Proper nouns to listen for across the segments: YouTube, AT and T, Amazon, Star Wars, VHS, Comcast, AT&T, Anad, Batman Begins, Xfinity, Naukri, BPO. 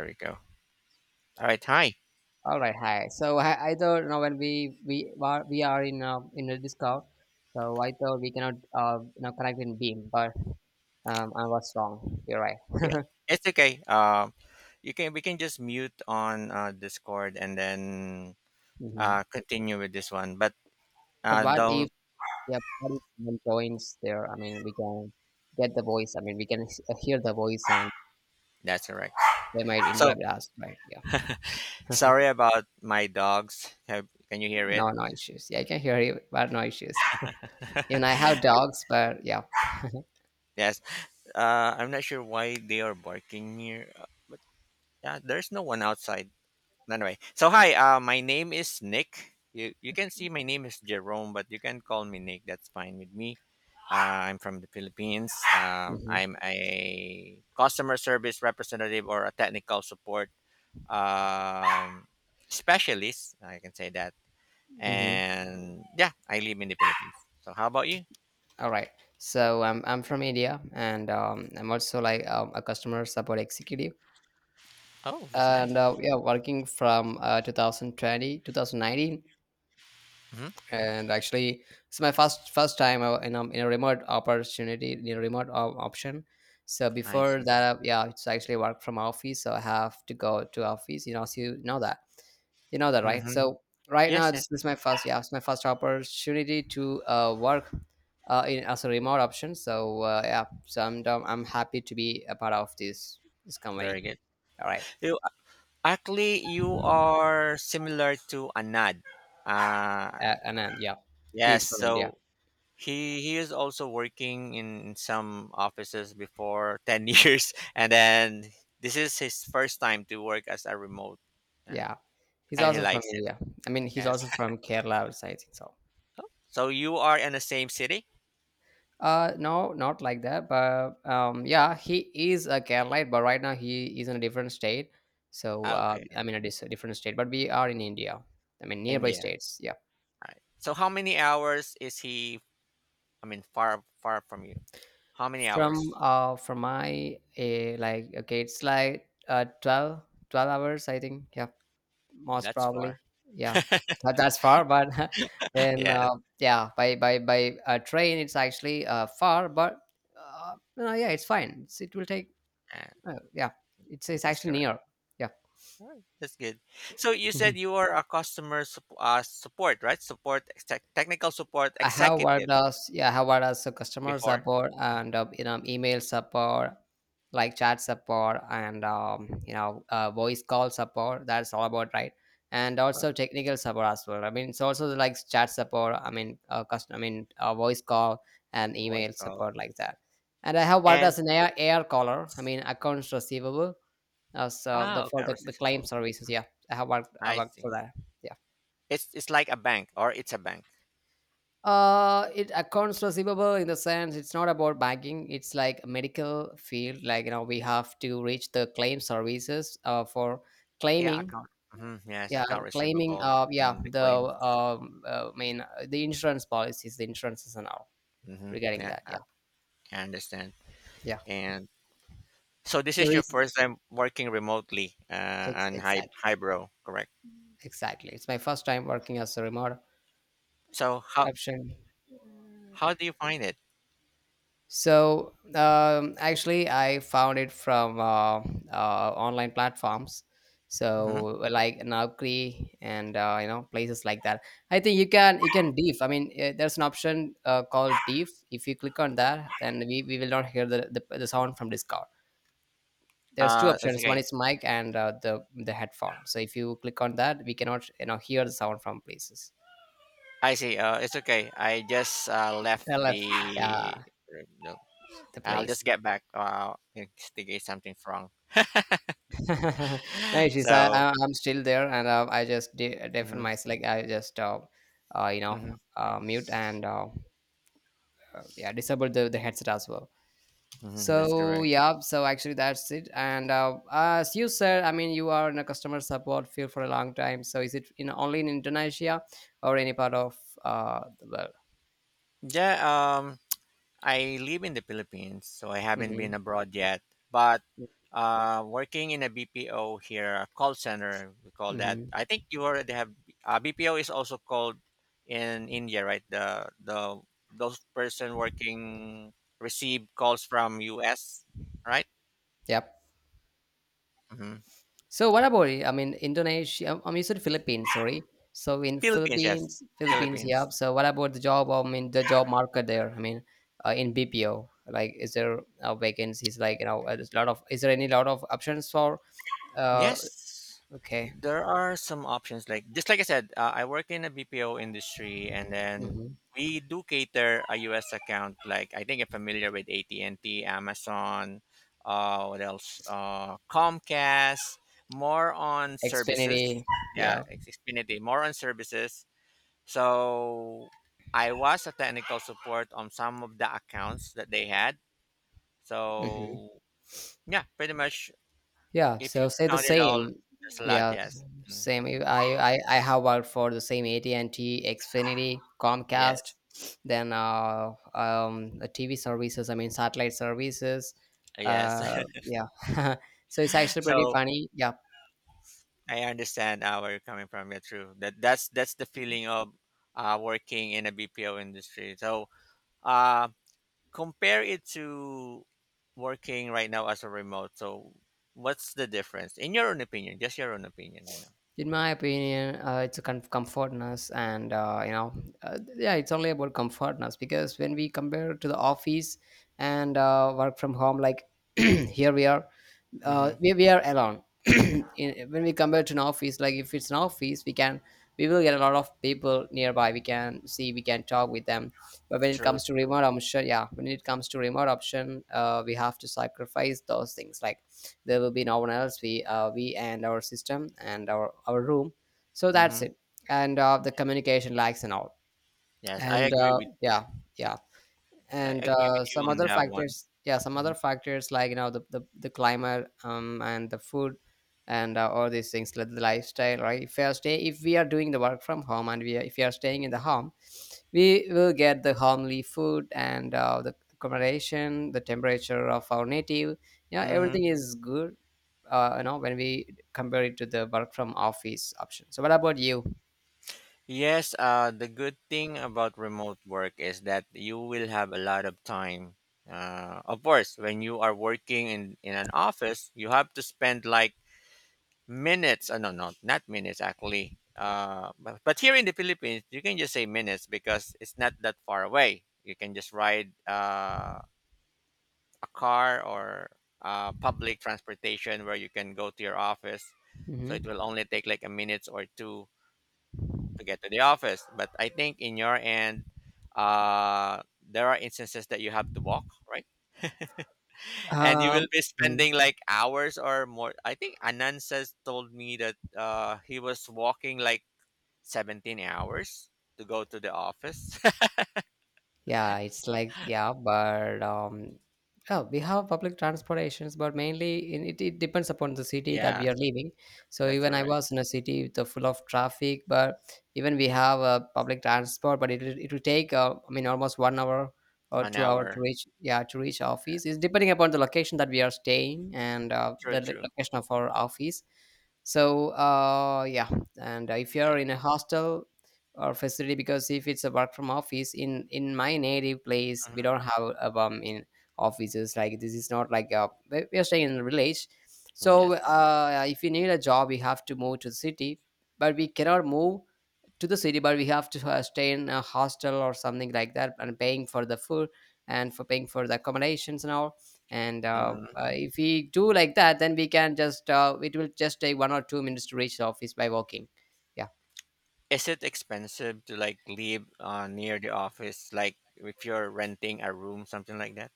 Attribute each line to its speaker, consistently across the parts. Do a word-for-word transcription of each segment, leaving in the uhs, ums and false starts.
Speaker 1: There we go. All right. Hi.
Speaker 2: All right, hi. So I, I thought you know when we we are we are in a in a Discord, so I thought we cannot uh you know connect in Beam, but um I was wrong. You're right.
Speaker 1: Yeah. It's okay. Um, you can we can just mute on uh, Discord and then
Speaker 2: Hmm.
Speaker 1: uh, continue with this one. But
Speaker 2: But
Speaker 1: uh,
Speaker 2: what if
Speaker 1: don't.
Speaker 2: yeah, what if someone joins there? I mean, we can get the voice. I mean, we can s- hear the voice, and
Speaker 1: That's correct.
Speaker 2: they might
Speaker 1: So
Speaker 2: interrupt us, right? Yeah.
Speaker 1: sorry about my dogs. Have, can you hear it?
Speaker 2: No, no issues. Yeah, I can hear you, but no issues. Even I have dogs, but yeah.
Speaker 1: Yes. Uh, I'm not sure why they are barking here, uh, but yeah, there's no one outside. Anyway, so hi. Uh, my name is Nick. You you can see my name is Jerome, but you can call me Nick. That's fine with me. Uh, I'm from the Philippines. Um,
Speaker 2: Hmm.
Speaker 1: I'm a customer service representative or a technical support um, specialist. I can say that.
Speaker 2: Hmm.
Speaker 1: And yeah, I live in the Philippines. So how about you?
Speaker 2: All right. So I'm I'm from India, and um, I'm also like um, a customer support executive,
Speaker 1: Oh, that's nice.
Speaker 2: and uh, yeah, working from uh, two thousand twenty,
Speaker 1: Hmm.
Speaker 2: and actually it's my first first time uh, in a, in a remote opportunity in a remote op- option. So
Speaker 1: I
Speaker 2: before
Speaker 1: see.
Speaker 2: that, uh, yeah, it's actually work from office, so I have to go to office, you know so you know that you know that, right?
Speaker 1: Hmm.
Speaker 2: So right now,
Speaker 1: Yes,
Speaker 2: this
Speaker 1: yes.
Speaker 2: is my first yeah, it's my first opportunity to uh, work uh, in as a remote option. So uh, yeah, so I'm, um, I'm happy to be a part of this this company.
Speaker 1: Very good.
Speaker 2: All right.
Speaker 1: You Actually you are similar to Anad. Uh
Speaker 2: Uh, and then, yeah, he is
Speaker 1: yes.
Speaker 2: from India.
Speaker 1: So he he is also working in some offices before ten years and then this is his first time to work as a remote now,
Speaker 2: Yeah, he's
Speaker 1: and he
Speaker 2: also from
Speaker 1: likes it.
Speaker 2: India. I mean, he's
Speaker 1: Yes.
Speaker 2: also from Kerala, or so I think so.
Speaker 1: So you are in the same city.
Speaker 2: Uh, no, not like that. But um, yeah, he is a Keralite, but right now he is in a different state. So
Speaker 1: Ah,
Speaker 2: uh,
Speaker 1: okay.
Speaker 2: I mean, it is a dis- different state, but we are in India. I mean, nearby
Speaker 1: India.
Speaker 2: states. Yeah,
Speaker 1: All right, so how many hours is he, I mean, far far from you, how many
Speaker 2: from
Speaker 1: hours?
Speaker 2: uh, from my uh, like okay, it's like uh twelve, twelve hours, I think. Yeah. Most
Speaker 1: That's
Speaker 2: probably.
Speaker 1: far.
Speaker 2: Yeah, but that's far. But then,
Speaker 1: Yes.
Speaker 2: uh, yeah, by by by uh, train, it's actually uh, far, but uh, no, yeah, it's fine. It's, it will take.
Speaker 1: uh,
Speaker 2: Uh, yeah, it's it's
Speaker 1: that's
Speaker 2: actually
Speaker 1: correct.
Speaker 2: near. Yeah.
Speaker 1: All right, that's good. So you said you are a customer sup- uh, support, right? Support, tech technical support
Speaker 2: I have worked
Speaker 1: executive.
Speaker 2: as Yeah, I have worked as a customer
Speaker 1: Before?
Speaker 2: support
Speaker 1: Mm,
Speaker 2: and uh, you know email support, like chat support and um, you know uh, voice call support. That's all about right, and
Speaker 1: uh,
Speaker 2: also technical support as well. I mean, it's also like chat support. I mean, uh, custom, I mean uh, voice call and
Speaker 1: Voice
Speaker 2: email
Speaker 1: call.
Speaker 2: support like that. And I have worked
Speaker 1: And
Speaker 2: as an air air caller. I mean, accounts receivable as uh, so the
Speaker 1: oh,
Speaker 2: for
Speaker 1: okay,
Speaker 2: the, the claim
Speaker 1: receivable.
Speaker 2: services. Yeah, I have worked I
Speaker 1: I
Speaker 2: worked
Speaker 1: see.
Speaker 2: for that. Yeah.
Speaker 1: It's it's like a bank or it's a bank.
Speaker 2: Uh, it accounts receivable in the sense it's not about banking. It's like a medical field. Like, you know, we have to reach the claim services uh, for
Speaker 1: Yeah,
Speaker 2: claiming.
Speaker 1: account. Hmm. Yes,
Speaker 2: Yeah,
Speaker 1: account
Speaker 2: claiming.
Speaker 1: receivable,
Speaker 2: Uh, yeah,
Speaker 1: mm, the
Speaker 2: the
Speaker 1: claim.
Speaker 2: um, uh, I mean, uh, the insurance policies, the insurances and all
Speaker 1: Hmm.
Speaker 2: regarding
Speaker 1: Yeah,
Speaker 2: that.
Speaker 1: I,
Speaker 2: Yeah,
Speaker 1: I understand.
Speaker 2: yeah.
Speaker 1: And so this
Speaker 2: There
Speaker 1: is your
Speaker 2: is
Speaker 1: first time working remotely uh,
Speaker 2: ex-
Speaker 1: on Hy-
Speaker 2: exactly,
Speaker 1: Hybro, correct?
Speaker 2: exactly. It's my first time working as a remote
Speaker 1: So how
Speaker 2: option.
Speaker 1: how do you find it?
Speaker 2: So um, actually, I found it from uh, uh, online platforms.
Speaker 1: hmm
Speaker 2: So like Naukri and uh, you know places like that. I think you can you can diff. I mean, uh, there's an option uh, called diff. If you click on that, then we, we will not hear the, the, the sound from Discord. There's two
Speaker 1: Uh, it's
Speaker 2: options. One
Speaker 1: okay.
Speaker 2: is mic and uh, the the headphone. So if you click on that, we cannot you know hear the sound from places.
Speaker 1: I see. Uh, it's okay. I just uh, left
Speaker 2: L F, yeah,
Speaker 1: the. No,
Speaker 2: the
Speaker 1: I'll just
Speaker 2: place.
Speaker 1: get back. Uh, in case something's wrong.
Speaker 2: No, issues. I,
Speaker 1: So,
Speaker 2: I I'm still there, and uh, I just de- deafen
Speaker 1: mhm,
Speaker 2: myself. Like, I just uh, uh you know
Speaker 1: mhm,
Speaker 2: uh mute and uh, uh, yeah, disable the the headset as well.
Speaker 1: mhm, that's
Speaker 2: So
Speaker 1: correct.
Speaker 2: yeah, so actually that's it. And uh, as you said, I mean, you are in a customer support field for a long time. So is it in only in Indonesia or any part of uh the world?
Speaker 1: Yeah, um, I live in the Philippines, so I haven't
Speaker 2: Mm-hmm.
Speaker 1: been abroad yet. But uh, working in a B P O here, a call center, we call that.
Speaker 2: Mm-hmm.
Speaker 1: I think you already have. uh, B P O is also called in India, right? The the those person working receive calls from U S, right?
Speaker 2: Yep.
Speaker 1: Hmm.
Speaker 2: So what about it? I mean, Indonesia. I mean, you said Philippines. Sorry. So in
Speaker 1: Philippines, yes,
Speaker 2: Philippines, Philippines. Yeah.
Speaker 1: Philippines,
Speaker 2: So what about the job? I mean, the job market there. I mean, uh, in B P O, like, is there uh, vacancies? Like, you know, uh, there's a lot of. Is there any lot of options for? Uh,
Speaker 1: yes.
Speaker 2: okay.
Speaker 1: There are some options like just like I said, uh, I work in a B P O industry, and then
Speaker 2: Mm-hmm.
Speaker 1: we do cater a U S account. Like I think you're familiar with A T and T, Amazon, uh, what else? Uh, Comcast. More on services.
Speaker 2: Xfinity.
Speaker 1: Yeah,
Speaker 2: Yeah.
Speaker 1: it's Xfinity. More on services. So I was a technical support on some of the accounts that they had.
Speaker 2: Mhm.
Speaker 1: So yeah, pretty much
Speaker 2: Yeah,
Speaker 1: if
Speaker 2: so
Speaker 1: you
Speaker 2: say the
Speaker 1: count it all,
Speaker 2: same.
Speaker 1: there's a lot.
Speaker 2: Yeah,
Speaker 1: Yes. Mm.
Speaker 2: same. If I, I, I have worked for the same A T and T, Xfinity, Comcast,
Speaker 1: Yes.
Speaker 2: then uh, um, the T V services, I mean, satellite services.
Speaker 1: Yes.
Speaker 2: Uh, yeah, so it's actually pretty
Speaker 1: So
Speaker 2: funny. Yeah,
Speaker 1: I understand uh, where you're coming from. Yeah, true. That that's that's the feeling of uh, working in a B P O industry. So uh, compare it to working right now as a remote. So what's the difference in your own opinion? Just your own opinion. You know.
Speaker 2: in my opinion, uh, it's a com- comfortness, and uh, you know, uh, yeah, it's only about comfortness, because when we compare to the office and uh, work from home, like here we are, uh,
Speaker 1: Mm-hmm.
Speaker 2: we, we are alone, in, when we compare to an office, like if it's an office we can we will get a lot of people nearby, we can see, we can talk with them. But when it
Speaker 1: True.
Speaker 2: comes to
Speaker 1: True.
Speaker 2: remote option, yeah, when it comes to remote option, uh, we have to sacrifice those things. Like, there will be no one else, we uh, we and our system and our our room, so that's
Speaker 1: Mm-hmm.
Speaker 2: it. And uh, the communication lags and all.
Speaker 1: Yes, I
Speaker 2: And
Speaker 1: agree
Speaker 2: uh,
Speaker 1: with
Speaker 2: yeah, yeah.
Speaker 1: I
Speaker 2: And
Speaker 1: agree with
Speaker 2: uh,
Speaker 1: you
Speaker 2: some
Speaker 1: on
Speaker 2: other
Speaker 1: that one.
Speaker 2: factors, yeah, some other
Speaker 1: Mm-hmm.
Speaker 2: factors like, you know the the, the climate, um and the food and uh, all these things, like the lifestyle, right? If we are stay if we are doing the work from home, and we are, if we are staying in the home, we will get the homely food and uh, the accommodation, the temperature of our native, yeah,
Speaker 1: Mm-hmm.
Speaker 2: everything is good uh, you know when we compare it to the work from office option. So what about you?
Speaker 1: Yes, uh, the good thing about remote work is that you will have a lot of time. Uh, of course, when you are working in, in an office, you have to spend like minutes. Uh, no, no, not minutes actually. Uh, but, but here in the Philippines, you can just say minutes because it's not that far away. You can just ride uh, a car or uh, public transportation where you can go to your office. So it
Speaker 2: Mhm.
Speaker 1: will only take like a minute or two to get to the office. But I think in your end, uh, there are instances that you have to walk, right? And you will
Speaker 2: Um,
Speaker 1: be
Speaker 2: mm.
Speaker 1: spending like hours or more. I think Anand says told me that uh, he was walking like seventeen hours to go to the office.
Speaker 2: Yeah, it's like, yeah, but um, yeah, we have public transportations, but mainly in, it it depends upon the city that
Speaker 1: Yeah,
Speaker 2: we are living. So
Speaker 1: that's
Speaker 2: even I
Speaker 1: correct.
Speaker 2: was in a city with the full of traffic, but even we have a public transport, but it will- it will take uh, I mean, almost one hour or
Speaker 1: One
Speaker 2: two hour to
Speaker 1: hour.
Speaker 2: reach yeah, to reach office. It's depending upon the location that we are staying and uh,
Speaker 1: True,
Speaker 2: the lo-
Speaker 1: true.
Speaker 2: location of our office. So uh, yeah, and if you're
Speaker 1: Yeah.
Speaker 2: in a hostel or facility, because if it's a work from office, in in my native place we don't have a, um in offices like, this is not like a we we are staying in a village.
Speaker 1: Mhm.
Speaker 2: So
Speaker 1: Yes.
Speaker 2: uh if you need a job, we have to move to the city. But we cannot move to the city, but we have to uh, stay in a hostel or something like that, and paying for the food, and for paying for the accommodations and all. And uh,
Speaker 1: hmm
Speaker 2: uh, if we do like that, then we can just uh, it will just take one or two minutes to reach the office by walking.
Speaker 1: Is it expensive to like live uh, near the office? Like if you're renting a room, something like that?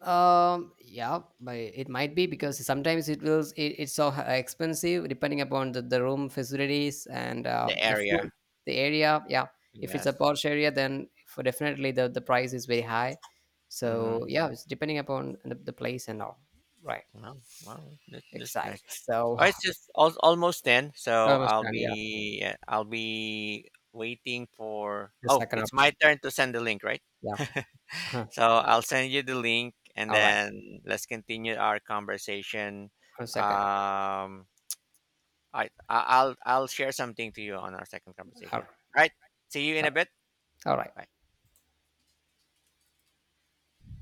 Speaker 2: Um, yeah, but it might be because sometimes it will it, it's so h- expensive, depending upon the, the room facilities and uh,
Speaker 1: The
Speaker 2: the food,
Speaker 1: area.
Speaker 2: the area. Yeah, if it's a
Speaker 1: Yes.
Speaker 2: Porsche area, then for definitely the the price is very high. So
Speaker 1: Hmm.
Speaker 2: yeah, it's depending upon the, the place and all. Right,
Speaker 1: Wow, wow, that's that's nice.
Speaker 2: exactly. So
Speaker 1: Oh, it's just al- almost ten,
Speaker 2: I
Speaker 1: so I'll
Speaker 2: understand. Yeah,
Speaker 1: be yeah, I'll be waiting for.
Speaker 2: the
Speaker 1: Oh,
Speaker 2: second
Speaker 1: it's my
Speaker 2: option.
Speaker 1: turn to send the link, right?
Speaker 2: Yeah.
Speaker 1: So I'll send you the link, and
Speaker 2: All right.
Speaker 1: then let's continue our conversation.
Speaker 2: One second.
Speaker 1: Um, I I- I'll I'll share something to you on our second
Speaker 2: All
Speaker 1: conversation. All right. See you in
Speaker 2: right.
Speaker 1: a bit.
Speaker 2: All right.
Speaker 1: Bye.